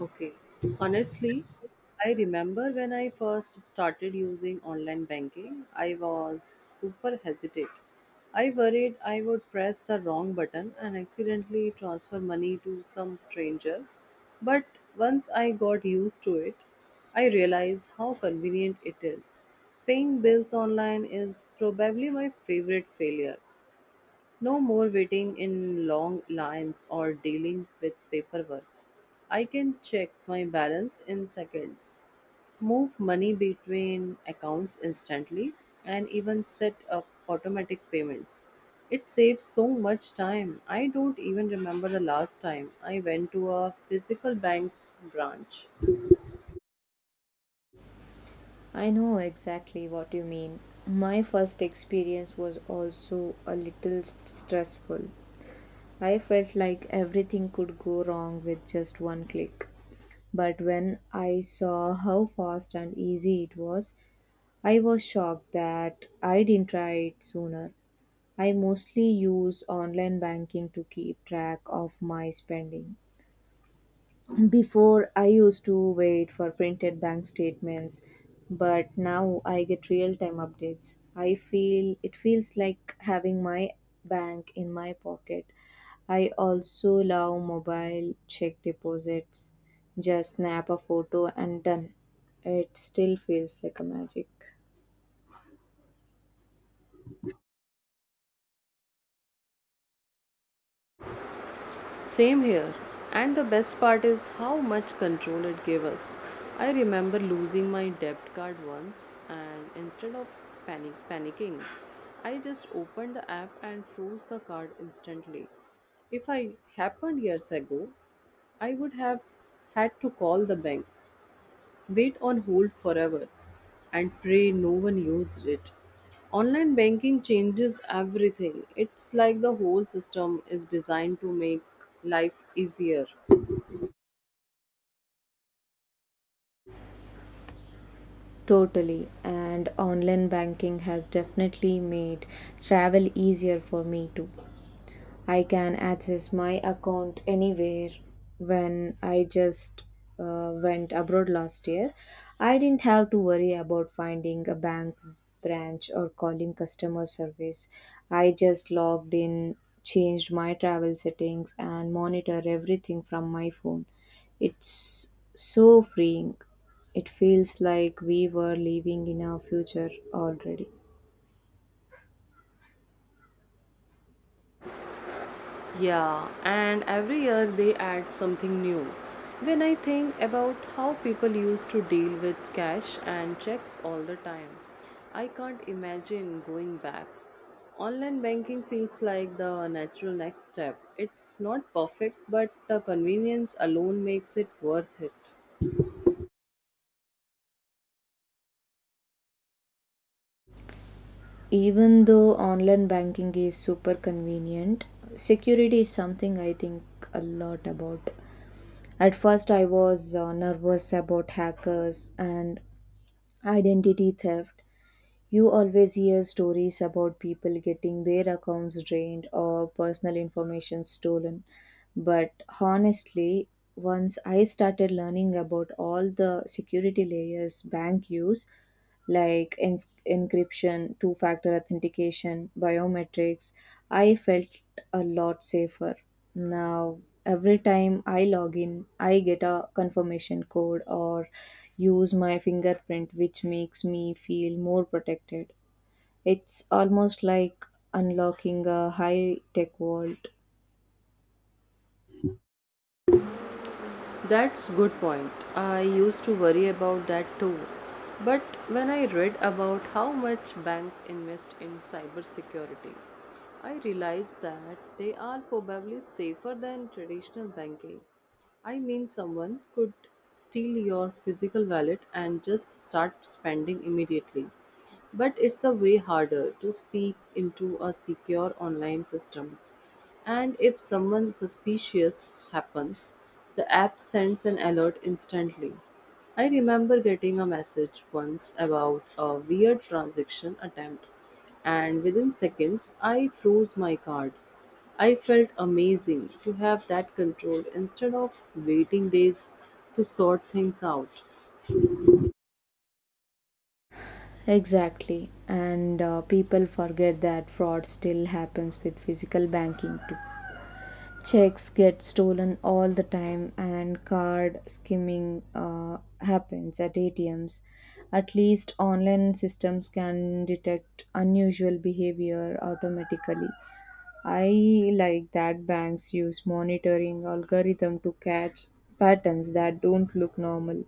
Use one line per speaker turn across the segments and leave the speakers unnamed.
Okay. Honestly, I remember when I first started using online banking, I was super hesitant. I worried I would press the wrong button and accidentally transfer money to some stranger. But once I got used to it, I realized how convenient it is. Paying bills online is probably my favorite failure. No more waiting in long lines or dealing with paperwork. I can check my balance in seconds, move money between accounts instantly, and even set up automatic payments. It saves so much time. I don't even remember the last time I went to a physical bank branch.
I know exactly what you mean. My first experience was also a little stressful. I felt like everything could go wrong with just one click. But when I saw how fast and easy it was, I was shocked that I didn't try it sooner. I mostly use online banking to keep track of my spending. Before, I used to wait for printed bank statements, but now I get real-time updates. I feel it feels like having my bank in my pocket. I also love mobile check deposits. Just snap a photo and done. It still feels like a magic.
Same here. And the best part is how much control it gave us. I remember losing my debit card once and instead of panicking, I just opened the app and froze the card instantly. If I happened years ago, I would have had to call the bank, wait on hold forever, and pray no one used it. Online banking changes everything. It's like the whole system is designed to make life easier.
Totally. And online banking has definitely made travel easier for me too. I can access my account anywhere. When I just went abroad last year, I didn't have to worry about finding a bank branch or calling customer service. I just logged in, changed my travel settings, and monitor everything from my phone. It's so freeing. It feels like we were living in our future already.
Yeah, and every year they add something new. When I think about how people used to deal with cash and checks all the time, I can't imagine going back. Online banking feels like the natural next step. It's not perfect, but the convenience alone makes it worth it.
Even though online banking is super convenient, security is something I think a lot about. At first I was nervous about hackers and identity theft. You always hear stories about people getting their accounts drained or personal information stolen. But honestly, once I started learning about all the security layers bank use, like encryption, two factor authentication, biometrics, I felt a lot safer. Now, every time I log in, I get a confirmation code or use my fingerprint, which makes me feel more protected. It's almost like unlocking a high tech vault.
That's good point. I used to worry about that too. But when I read about how much banks invest in cybersecurity, I realized that they are probably safer than traditional banking. I mean, someone could steal your physical wallet and just start spending immediately. But it's a way harder to speak into a secure online system. And if someone suspicious happens, the app sends an alert instantly. I remember getting a message once about a weird transaction attempt, and within seconds, I froze my card. I felt amazing to have that control instead of waiting days to sort things out.
Exactly, and people forget that fraud still happens with physical banking too. Checks get stolen all the time, and card skimming happens at ATMs. At least online systems can detect unusual behavior automatically. I like that banks use monitoring algorithm to catch patterns that don't look normal.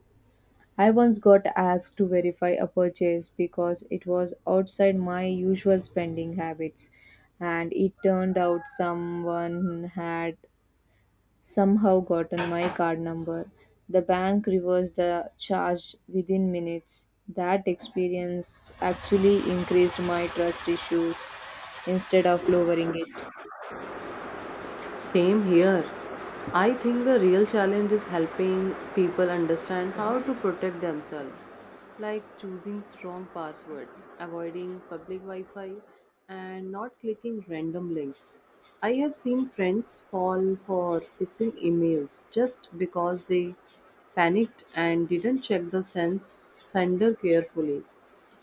I once got asked to verify a purchase because it was outside my usual spending habits, and it turned out someone had somehow gotten my card number. The bank reversed the charge within minutes. That experience actually increased my trust issues instead of lowering it.
Same here. I think the real challenge is helping people understand how to protect themselves, like choosing strong passwords, avoiding public Wi Fi, and not clicking random links. I have seen friends fall for phishing emails just because they panicked and didn't check the sense sender carefully.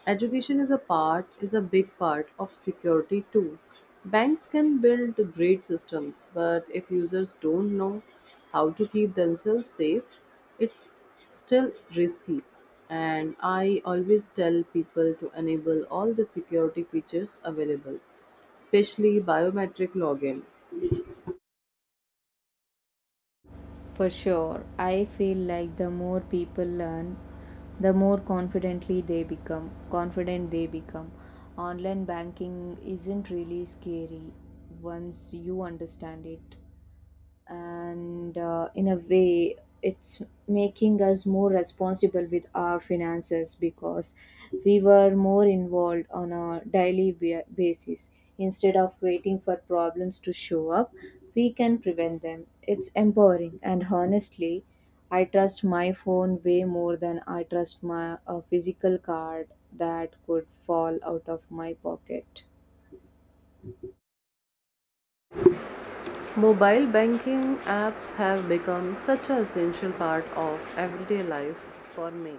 Education is a big part of security too. Banks can build great systems, but if users don't know how to keep themselves safe, it's still risky. And I always tell people to enable all the security features available, especially biometric login.
For sure, I feel like the more people learn, the more confidently they become. Confident they become. Online banking isn't really scary once you understand it, and in a way it's making us more responsible with our finances, because we were more involved on a daily basis. Instead of waiting for problems to show up, we can prevent them. It's empowering, and honestly, I trust my phone way more than I trust my physical card that could fall out of my pocket.
Mobile banking apps have become such an essential part of everyday life for me.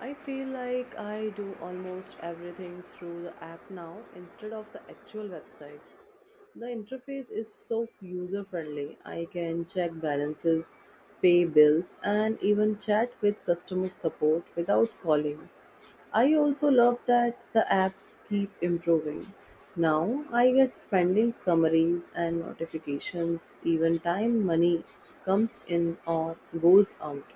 I feel like I do almost everything through the app now instead of the actual website. The interface is so user friendly. I can check balances, pay bills, and even chat with customer support without calling. I also love that the apps keep improving. Now I get spending summaries and notifications, even time money comes in or goes out.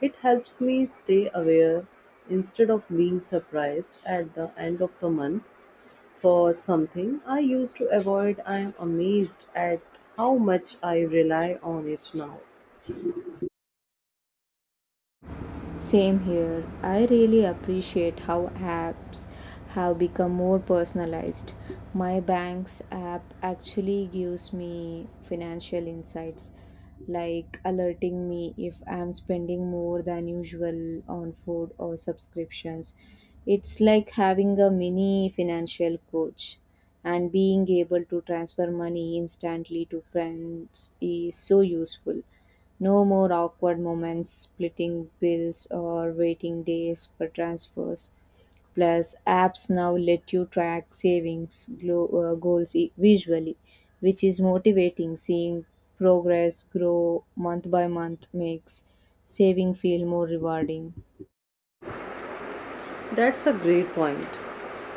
It helps me stay aware instead of being surprised at the end of the month for something I used to avoid. I am amazed at how much I rely on it now.
Same here. I really appreciate how apps have become more personalized. My bank's app actually gives me financial insights, like alerting me if I'm spending more than usual on food or subscriptions. It's like having a mini financial coach, and being able to transfer money instantly to friends is so useful. No more awkward moments, splitting bills, or waiting days for transfers. Plus, apps now let you track savings goals visually, which is motivating. Seeing progress grow month by month makes saving feel more rewarding.
That's a great point.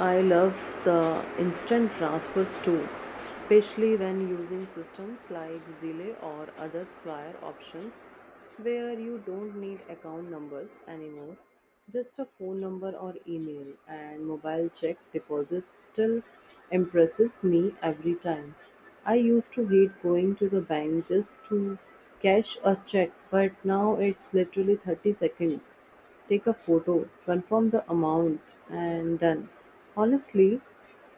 I love the instant transfers too, especially when using systems like Zelle or other Swire options where you don't need account numbers anymore, just a phone number or email, and mobile check deposit still impresses me every time. I used to hate going to the bank just to cash a check, but now it's literally 30 seconds. Take a photo, confirm the amount, and done. Honestly,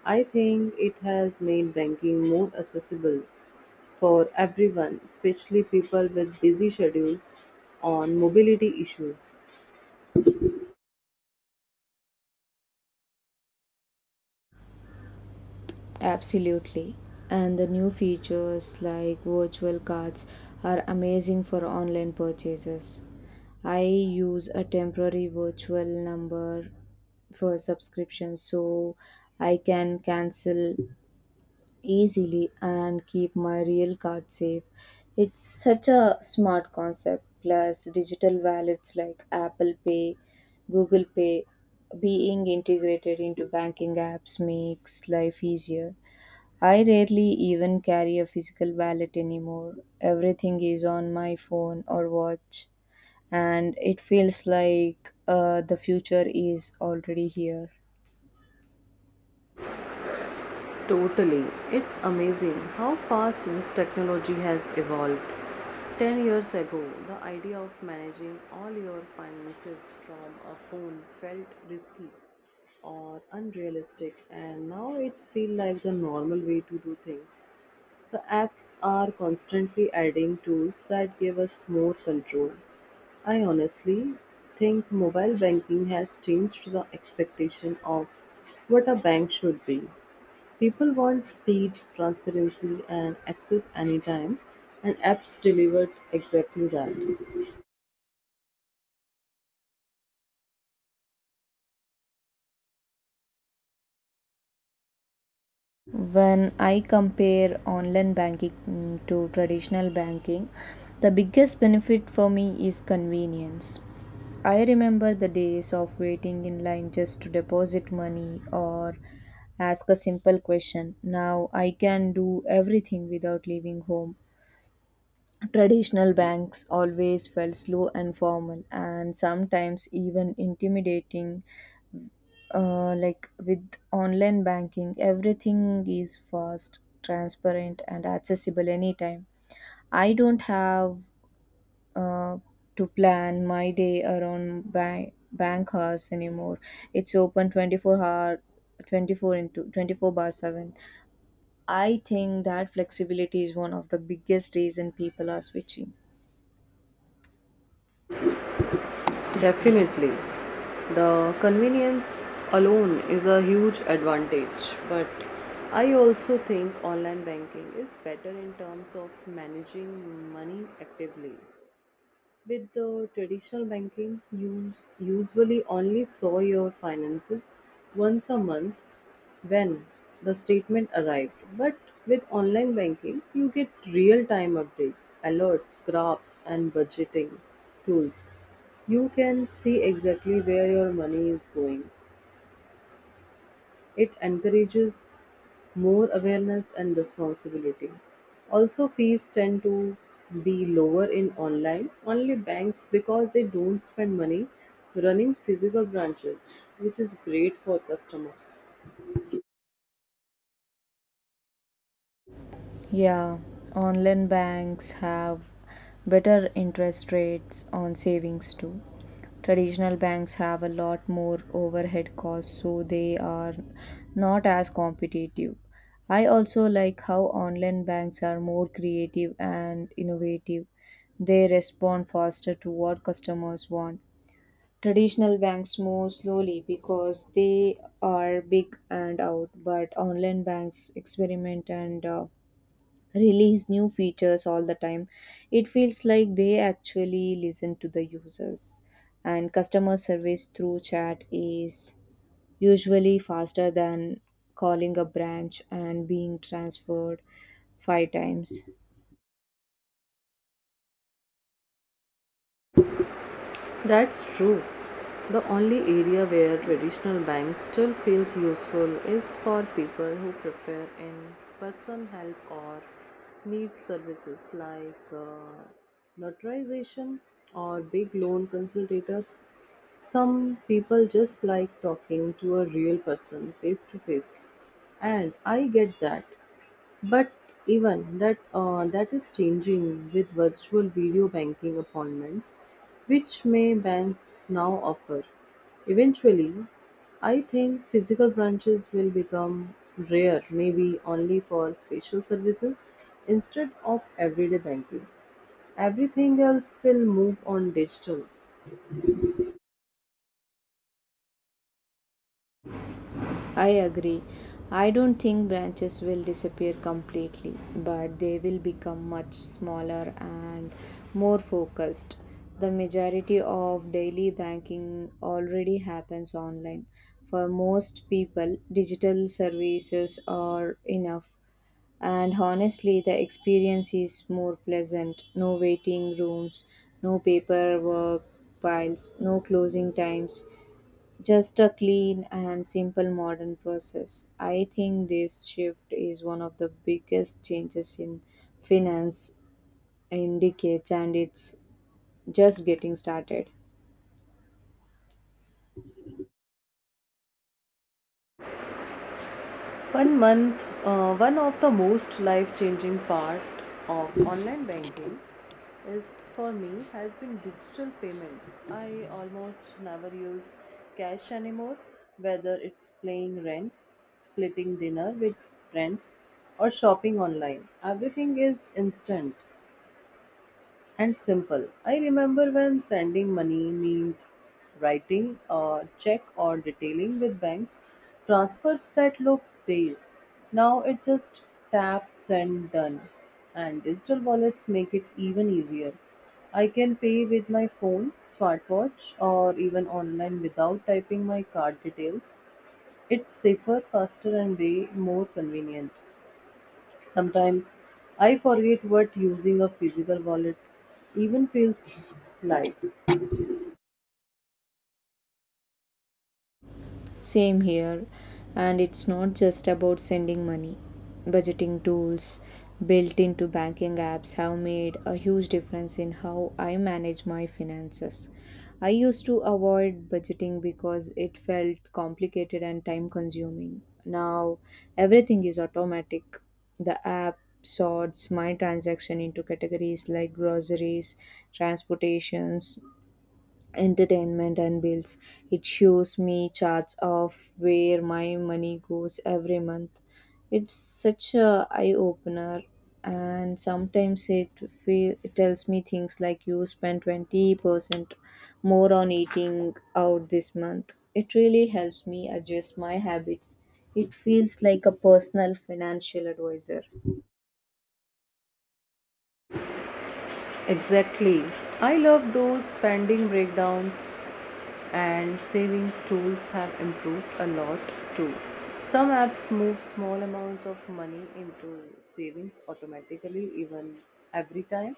I think it has made banking more accessible for everyone, especially people with busy schedules on mobility issues.
Absolutely. And the new features like virtual cards are amazing for online purchases. I use a temporary virtual number for subscriptions so I can cancel easily and keep my real card safe. It's such a smart concept. Plus, digital wallets like Apple Pay, Google Pay being integrated into banking apps makes life easier. I rarely even carry a physical wallet anymore. Everything is on my phone or watch, and it feels like the future is already here.
Totally. It's amazing how fast this technology has evolved. 10 years ago, the idea of managing all your finances from a phone felt risky or unrealistic, and now it's feel like the normal way to do things. The apps are constantly adding tools that give us more control. I honestly think mobile banking has changed the expectation of what a bank should be. People want speed, transparency, and access anytime, and apps deliver exactly that.
When I compare online banking to traditional banking, the biggest benefit for me is convenience. I remember the days of waiting in line just to deposit money or ask a simple question. Now I can do everything without leaving home. Traditional banks always felt slow and formal and sometimes even intimidating, like. With online banking everything is fast, transparent and accessible anytime. I don't have uh, to plan my day around bank hours anymore. It's open 24 hour, 24 into 24 bar 7. I think that flexibility is one of the biggest reason people are switching.
Definitely. The convenience alone is a huge advantage, but I also think online banking is better in terms of managing money actively. With the traditional banking, you usually only saw your finances once a month when the statement arrived. But with online banking, you get real time updates, alerts, graphs, and budgeting tools. You can see exactly where your money is going, it encourages more awareness and responsibility. Also, fees tend to be lower in online only banks because they don't spend money running physical branches, which is great for customers.
Yeah, online banks have better interest rates on savings too. Traditional banks have a lot more overhead costs, so they are not as competitive. I also like how online banks are more creative and innovative. They respond faster to what customers want. Traditional banks move slowly because they are big and out, but online banks experiment and release new features all the time. It feels like they actually listen to the users. And customer service through chat is usually faster than calling a branch and being transferred five times.
That's true. The only area where traditional banks still feels useful is for people who prefer in-person help or need services like notarization or big loan consultators. Some people just like talking to a real person face to face, and I get that. But even that that is changing with virtual video banking appointments, which may banks now offer. Eventually, I think physical branches will become rare, maybe only for special services instead of everyday banking. Everything else will move on digital.
I agree. I don't think branches will disappear completely, but they will become much smaller and more focused. The majority of daily banking already happens online. For most people, digital services are enough. And honestly, the experience is more pleasant. No waiting rooms, no paperwork piles, no closing times. Just a clean and simple modern process. I think this shift is one of the biggest changes in finance indicates, and it's just getting started.
One of the most life-changing part of online banking is for me has been digital payments. I almost never use cash anymore, whether it's paying rent, splitting dinner with friends, or shopping online. Everything is instant and simple. I remember when sending money meant writing a check or detailing with banks transfers that look days. Now it's just tap, send, done. And digital wallets make it even easier. I can pay with my phone, smartwatch, or even online without typing my card details. It's safer, faster, and way more convenient. Sometimes I forget what using a physical wallet even feels like.
Same here, and it's not just about sending money. Budgeting tools built into banking apps have made a huge difference in how I manage my finances. I used to avoid budgeting because it felt complicated and time consuming. Now, everything is automatic. The app sorts my transaction into categories like groceries, transportations, entertainment and bills. It shows me charts of where my money goes every month. It's such a eye opener, and sometimes it tells me things like you spent 20% more on eating out this month. It really helps me adjust my habits. It feels like a personal financial advisor.
Exactly. I love those spending breakdowns, and savings tools have improved a lot too. Some apps move small amounts of money into savings automatically, even every time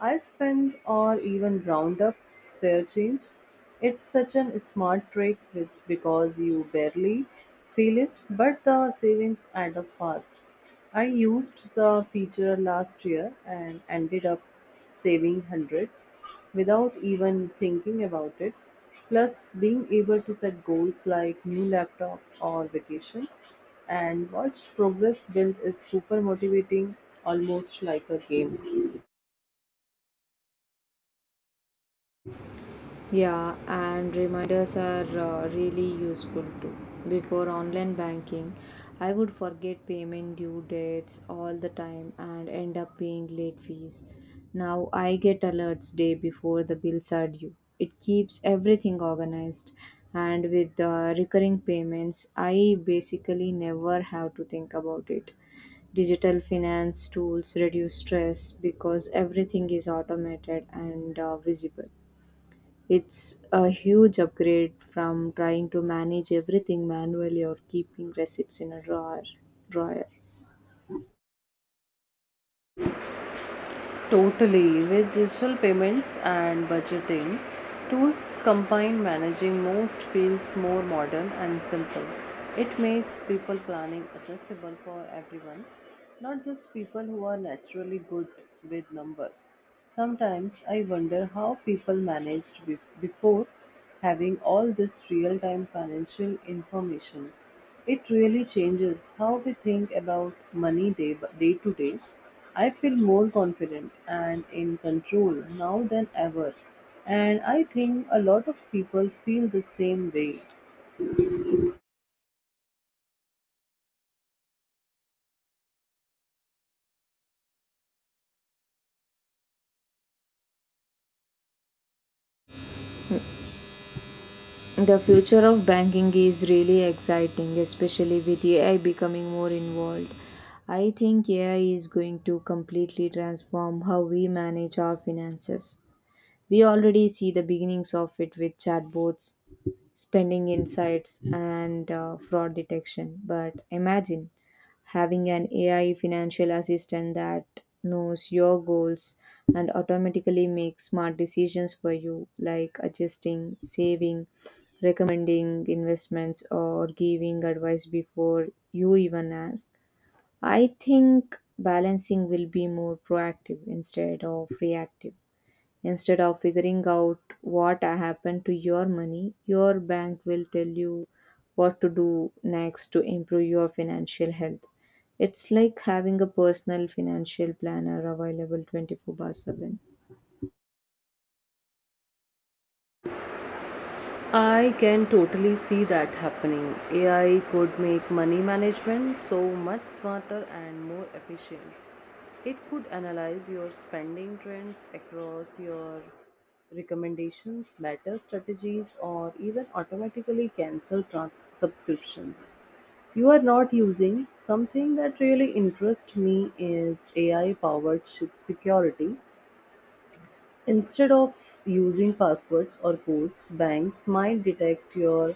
I spend or even round up spare change. It's such an smart trick with, because you barely feel it, but the savings add up fast. I used the feature last year and ended up saving hundreds without even thinking about it. Plus, being able to set goals like new laptop or vacation and watch progress build is super motivating, almost like a game.
Yeah, and reminders are really useful too. Before online banking, I would forget payment due dates all the time and end up paying late fees. Now I get alerts day before the bills are due. It keeps everything organized, and with recurring payments, I basically never have to think about it. Digital finance tools reduce stress because everything is automated and visible. It's a huge upgrade from trying to manage everything manually or keeping receipts in a drawer.
Totally. With digital payments and budgeting, tools combined, managing most feels more modern and simple. It makes people planning accessible for everyone, not just people who are naturally good with numbers. Sometimes I wonder how people managed before having all this real time financial information, it really changes how we think about money day to day. I feel more confident and in control now than ever, and I think a lot of people feel the same way.
The future of banking is really exciting, especially with AI becoming more involved. I think AI is going to completely transform how we manage our finances. We already see the beginnings of it with chatbots, spending insights, and fraud detection. But imagine having an AI financial assistant that knows your goals and automatically makes smart decisions for you, like adjusting, saving, recommending investments, or giving advice before you even ask. I think balancing will be more proactive instead of reactive. Instead of figuring out what happened to your money, your bank will tell you what to do next to improve your financial health. It's like having a personal financial planner available 24 by 7.
I can totally see that happening. AI could make money management so much smarter and more efficient. It could analyze your spending trends across your recommendations, better strategies, or even automatically cancel subscriptions you are not using. Something that really interests me is AI powered security. Instead of using passwords or codes, banks might detect your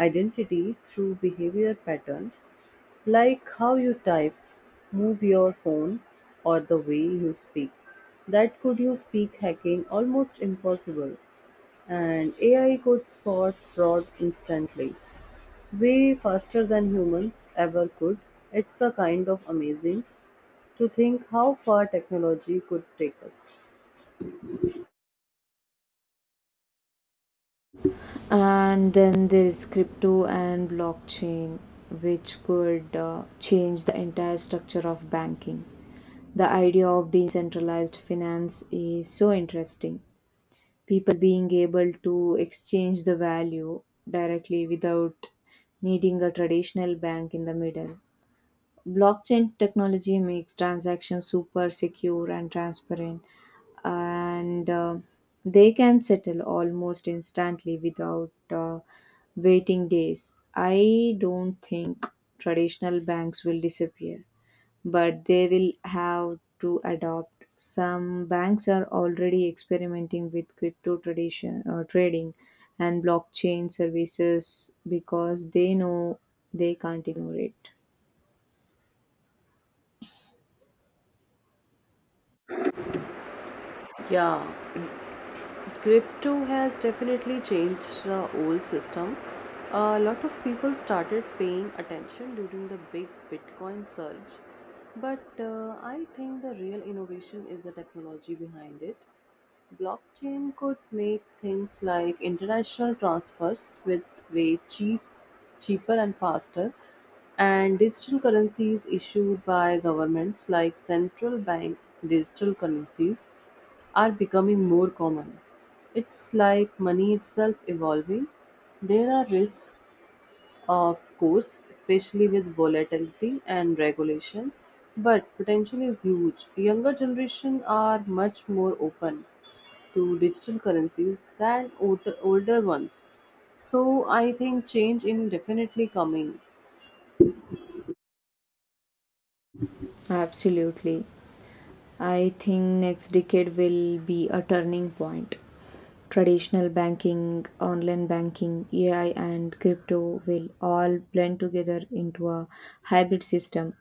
identity through behavior patterns like how you type, move your phone, or the way you speak. That could you speak hacking almost impossible, and AI could spot fraud instantly, way faster than humans ever could. It's a kind of amazing to think how far technology could take us.
And then there is crypto and blockchain, which could change the entire structure of banking. The idea of decentralized finance is so interesting, people being able to exchange the value directly without needing a traditional bank in the middle. Blockchain technology makes transactions super secure and transparent, and they can settle almost instantly without waiting days. I don't think traditional banks will disappear, but they will have to adopt. Some banks are already experimenting with crypto trading and blockchain services because they know they can't ignore it.
Yeah, crypto has definitely changed the old system. A lot of people started paying attention during the big bitcoin surge, but I think the real innovation is the technology behind it. Blockchain could make things like international transfers with way cheap, cheaper and faster, and digital currencies issued by governments like central bank digital currencies are becoming more common. It's like money itself evolving. There are risks, of course, especially with volatility and regulation, but potential is huge. Younger generation are much more open to digital currencies than older ones. So I think change in definitely coming.
Absolutely. I think next decade will be a turning point. Traditional banking, online banking, AI, and crypto will all blend together into a hybrid system.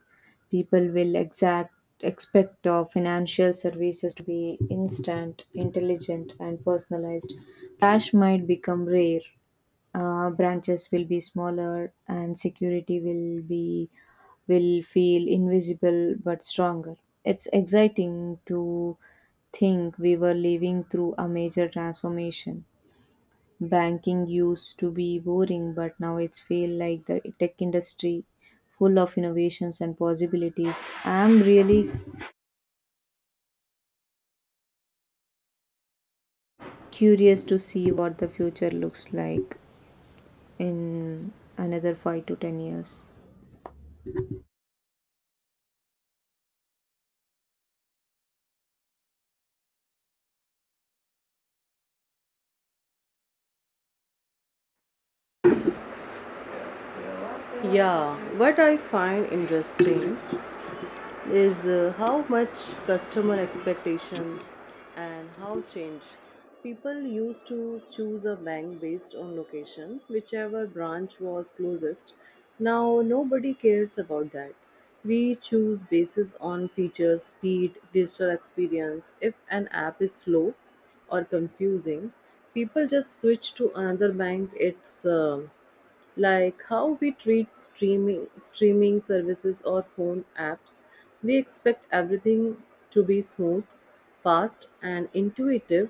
People will expect financial services to be instant, intelligent, and personalized. Cash might become rare. Branches will be smaller, and security will be, will feel invisible but stronger. It's exciting to think we were living through a major transformation. Banking used to be boring, but now it's feel like the tech industry, full of innovations and possibilities. I'm really curious to see what the future looks like in another 5-10 years.
Yeah, what I find interesting is how much customer expectations and how change. People used to choose a bank based on location, whichever branch was closest. Now nobody cares about that. We choose basis on features, speed, digital experience. If an app is slow or confusing, people just switch to another bank. It's like how we treat streaming services or phone apps. We expect everything to be smooth, fast, and intuitive.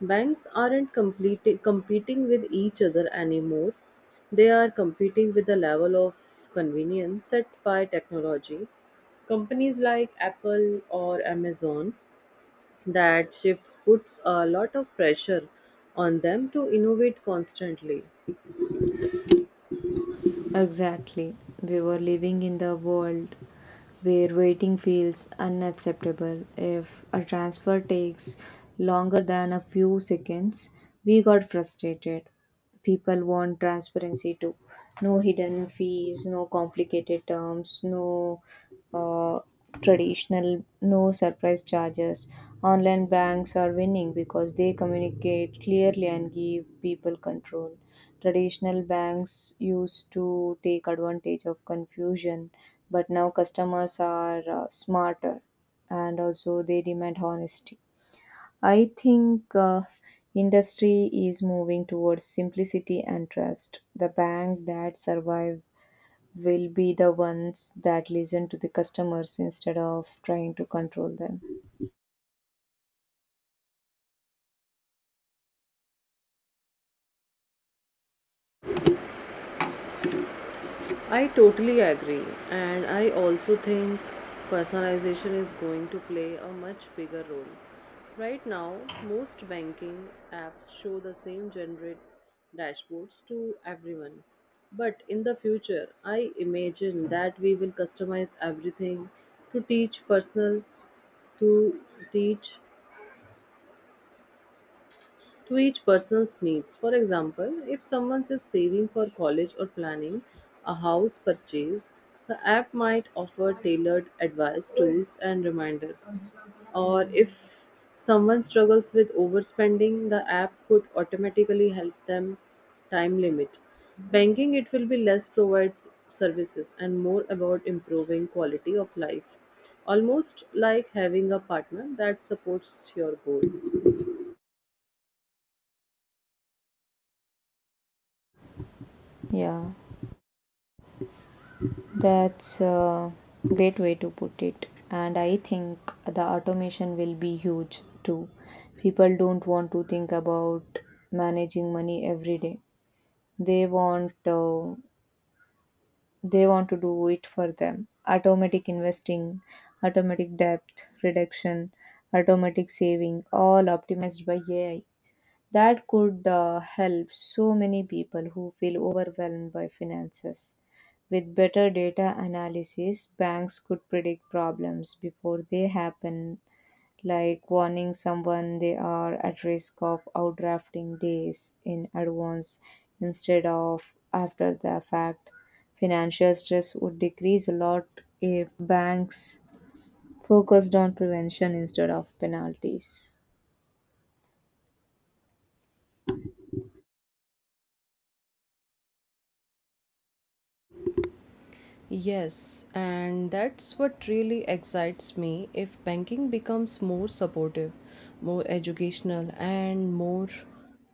Banks aren't competing with each other anymore. They are competing with the level of convenience set by technology companies like Apple or Amazon. That shifts puts a lot of pressure on them to innovate constantly.
Exactly. We were living in the world where waiting feels unacceptable. If a transfer takes longer than a few seconds, we got frustrated. People want transparency too. No hidden fees, no complicated terms, no uh, traditional, no surprise charges. Online banks are winning because they communicate clearly and give people control. Traditional banks used to take advantage of confusion, but now customers are smarter, and also they demand honesty. I think industry is moving towards simplicity and trust. The bank that survive will be the ones that listen to the customers instead of trying to control them.
I totally agree, and I also think personalization is going to play a much bigger role. Right now, most banking apps show the same generic dashboards to everyone. But in the future, I imagine that we will customize everything to teach personal, to teach to each person's needs. For example, if someone is saving for college or planning a house purchase, the app might offer tailored advice, tools, and reminders. Or if someone struggles with overspending, the app could automatically help them time limit. Banking, it will be less provide services and more about improving quality of life. Almost like having a partner that supports your goal.
Yeah, that's a great way to put it. And I think the automation will be huge too. People don't want to think about managing money every day. They want they want to do it for them. Automatic investing, automatic debt reduction, automatic saving, all optimized by AI. That could help so many people who feel overwhelmed by finances. With better data analysis, banks could predict problems before they happen, like warning someone they are at risk of outdrafting days in advance instead of after the fact. Financial stress would decrease a lot if banks focused on prevention instead of penalties.
Yes, and that's what really excites me if banking becomes more supportive, more educational, and more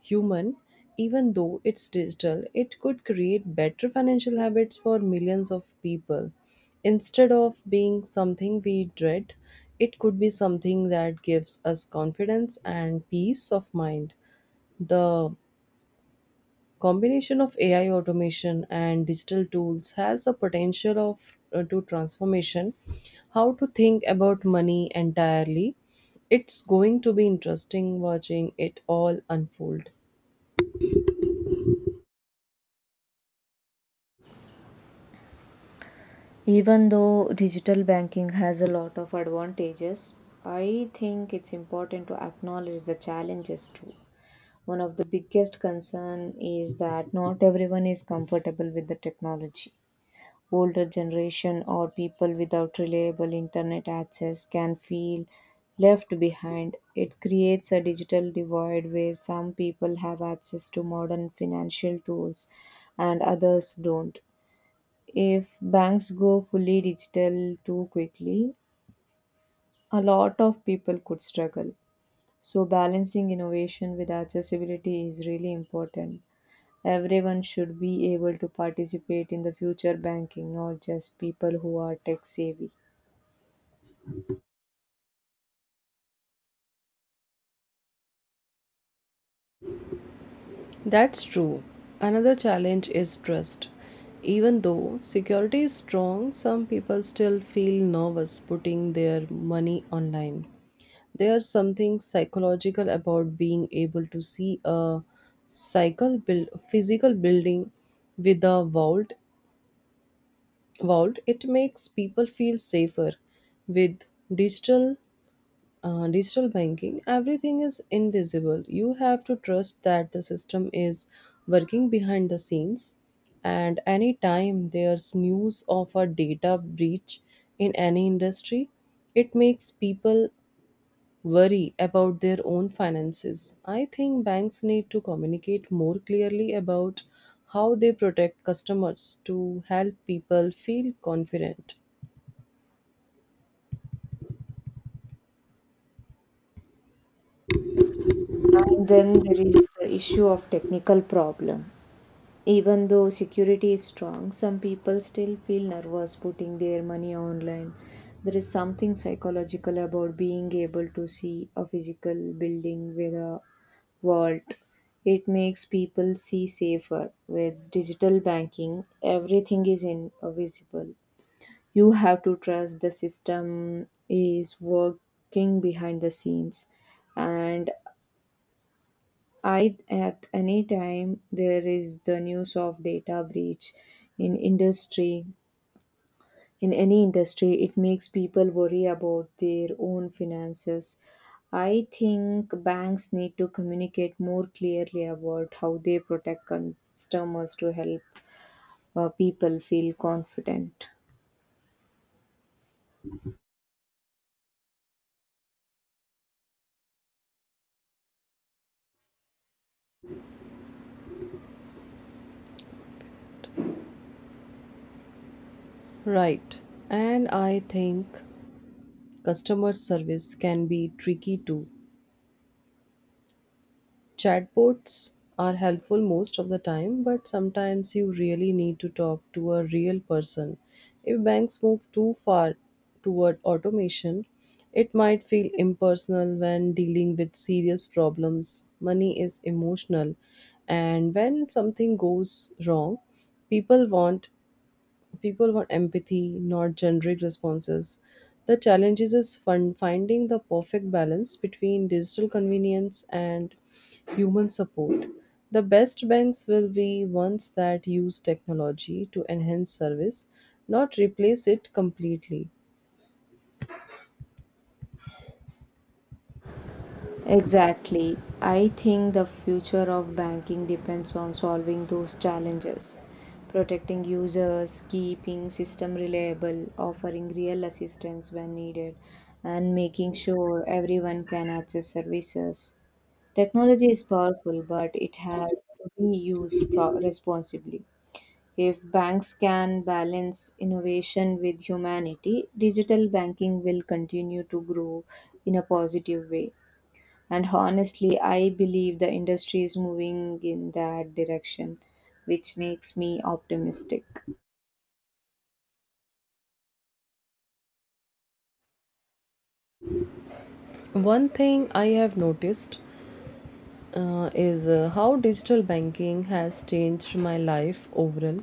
human. Even though it's digital, it could create better financial habits for millions of people. Instead of being something we dread, it could be something that gives us confidence and peace of mind. The combination of AI automation and digital tools has a potential of to transformation how to think about money entirely. It's going to be interesting watching it all unfold.
Even though digital banking has a lot of advantages, I think it's important to acknowledge the challenges too. One of the biggest concern is that not everyone is comfortable with the technology. Older generation or people without reliable internet access can feel left behind. It creates a digital divide where some people have access to modern financial tools and others don't. If banks go fully digital too quickly, a lot of people could struggle. So, balancing innovation with accessibility is really important. Everyone should be able to participate in the future banking, not just people who are tech savvy.
That's true. Another challenge is trust. Even though security is strong, some people still feel nervous putting their money online. There's something psychological about being able to see a cycle build, physical building with a vault. Vault it makes people feel safer. With digital, digital banking, everything is invisible. You have to trust that the system is working behind the scenes. And anytime there's news of a data breach in any industry, it makes people worry about their own finances. I think banks need to communicate more clearly about how they protect customers to help people feel confident.
And then there is the issue of technical problem. Even though security is strong, some people still feel nervous putting their money online. There is something psychological about being able to see a physical building with a vault. It makes people see safer. With digital banking, everything is invisible. You have to trust the system is working behind the scenes. And I at any time there is the news of data breach in industry in any industry, it makes people worry about their own finances. I think banks need to communicate more clearly about how they protect customers to help people feel confident.
Right. And I think customer service can be tricky too. Chatbots are helpful most of the time, but sometimes you really need to talk to a real person. If banks move too far toward automation, it might feel impersonal when dealing with serious problems. Money is emotional, and when something goes wrong, people want people want empathy, not generic responses. The challenge is finding the perfect balance between digital convenience and human support. The best banks will be ones that use technology to enhance service, not replace it completely.
Exactly. I think the future of banking depends on solving those challenges. Protecting users, keeping system reliable, offering real assistance when needed, and making sure everyone can access services. Technology is powerful, but it has to be used responsibly. If banks can balance innovation with humanity, digital banking will continue to grow in a positive way. And honestly, I believe the industry is moving in that direction, which makes me optimistic.
One thing I have noticed is how digital banking has changed my life overall.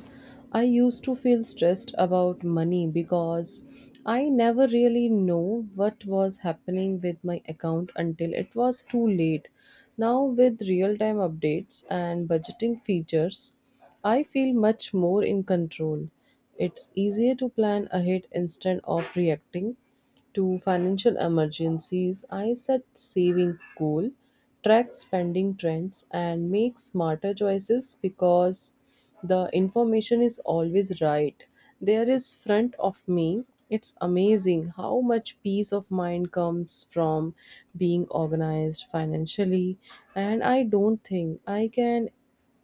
I used to feel stressed about money because I never really know what was happening with my account until it was too late. Now with real-time updates and budgeting features, I feel much more in control. It's easier to plan ahead instead of reacting to financial emergencies, I set savings goal, track spending trends, and make smarter choices because the information is always right. There is front of me. It's amazing how much peace of mind comes from being organized financially, and I don't think I can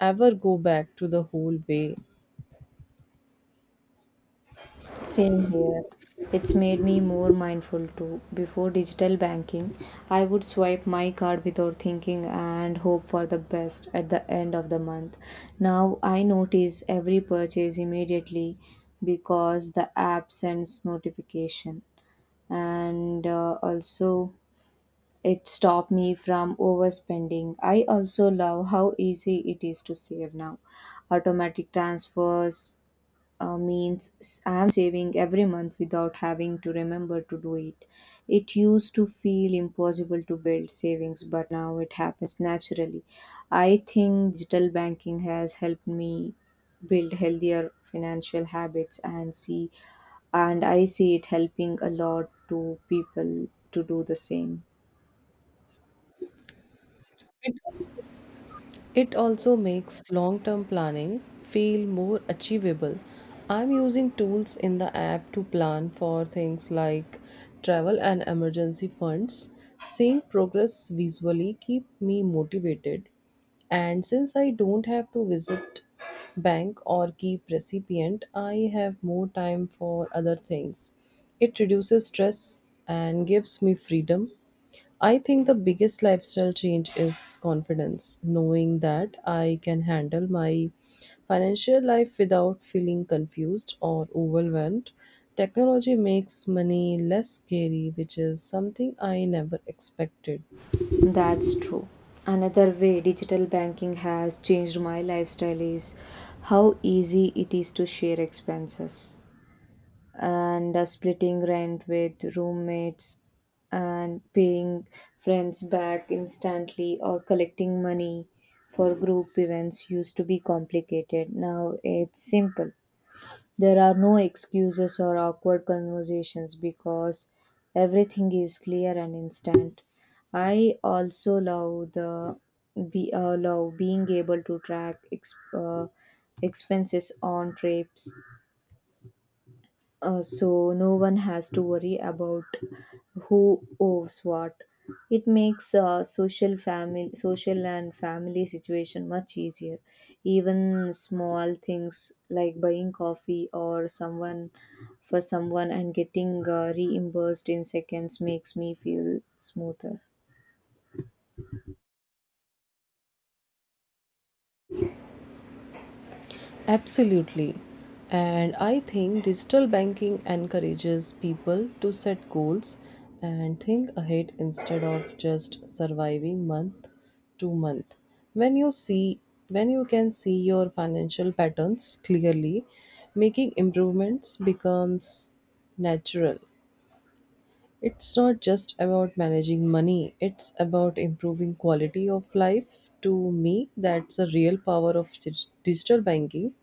ever go back to the whole way.
Same here. It's made me more mindful too. Before digital banking, I would swipe my card without thinking and hope for the best at the end of the month. Now I notice every purchase immediately because the app sends notification, and also it stopped me from overspending. I also love how easy it is to save now. Automatic transfers I'm saving every month without having to remember to do it. It used to feel impossible to build savings, but now it happens naturally. I think digital banking has helped me build healthier financial habits and see and I see it helping a lot to people to do the same.
It also makes long term planning feel more achievable. I'm using tools in the app to plan for things like travel and emergency funds. Seeing progress visually keep me motivated. And since I don't have to visit bank or keep recipient, I have more time for other things. It reduces stress and gives me freedom. I think the biggest lifestyle change is confidence, knowing that I can handle my financial life without feeling confused or overwhelmed. Technology makes money less scary, which is something I never expected.
That's true. Another way digital banking has changed my lifestyle is how easy it is to share expenses, and splitting rent with roommates and paying friends back instantly or collecting money for group events used to be complicated. Now it's simple. There are no excuses or awkward conversations because everything is clear and instant. I also love the be love being able to track expenses on trips, so no one has to worry about who owes what. It makes social family, social and family situation much easier. Even small things like buying coffee or someone for someone and getting reimbursed in seconds makes me feel smoother.
Absolutely. And I think digital banking encourages people to set goals and think ahead instead of just surviving month to month. When you see when you can see your financial patterns clearly, making improvements becomes natural. It's not just about managing money, it's about improving quality of life. To me, that's a real power of digital banking.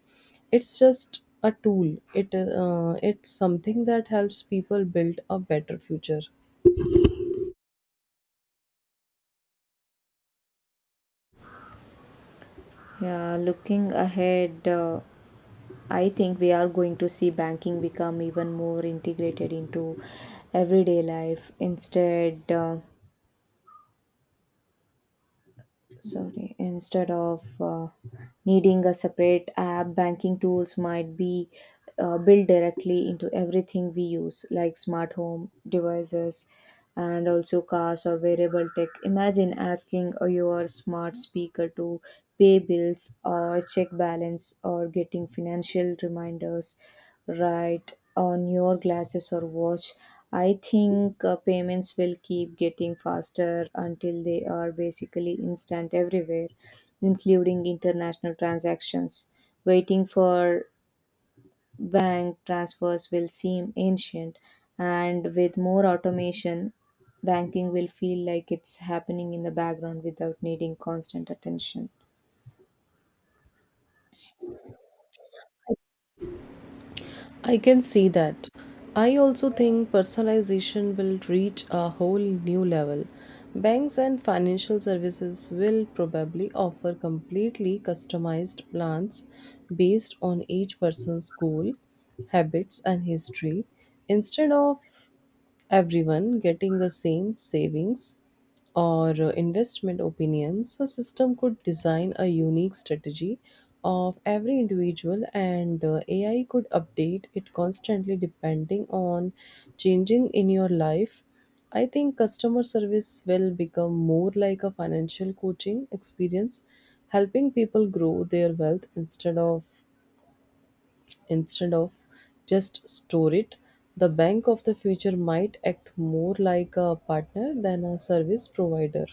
It's just a tool. It's something that helps people build a better future.
Yeah, looking ahead, I think we are going to see banking become even more integrated into everyday life. Instead of needing a separate app, banking tools might be built directly into everything we use, like smart home devices and also cars or wearable tech. Imagine asking your smart speaker to pay bills or check balance, or getting financial reminders right on your glasses or watch. I think payments will keep getting faster until they are basically instant everywhere, including international transactions. Waiting for bank transfers will seem ancient, and with more automation, banking will feel like it's happening in the background without needing constant attention.
I can see that. I also think personalization will reach a whole new level. Banks and financial services will probably offer completely customized plans based on each person's goal, habits, and history instead of everyone getting the same savings or investment opinions, a system could design a unique strategy of every individual, and AI could update it constantly depending on changing in your life. I think customer service will become more like a financial coaching experience, helping people grow their wealth instead of just store it. The bank of the future might act more like a partner than a service provider.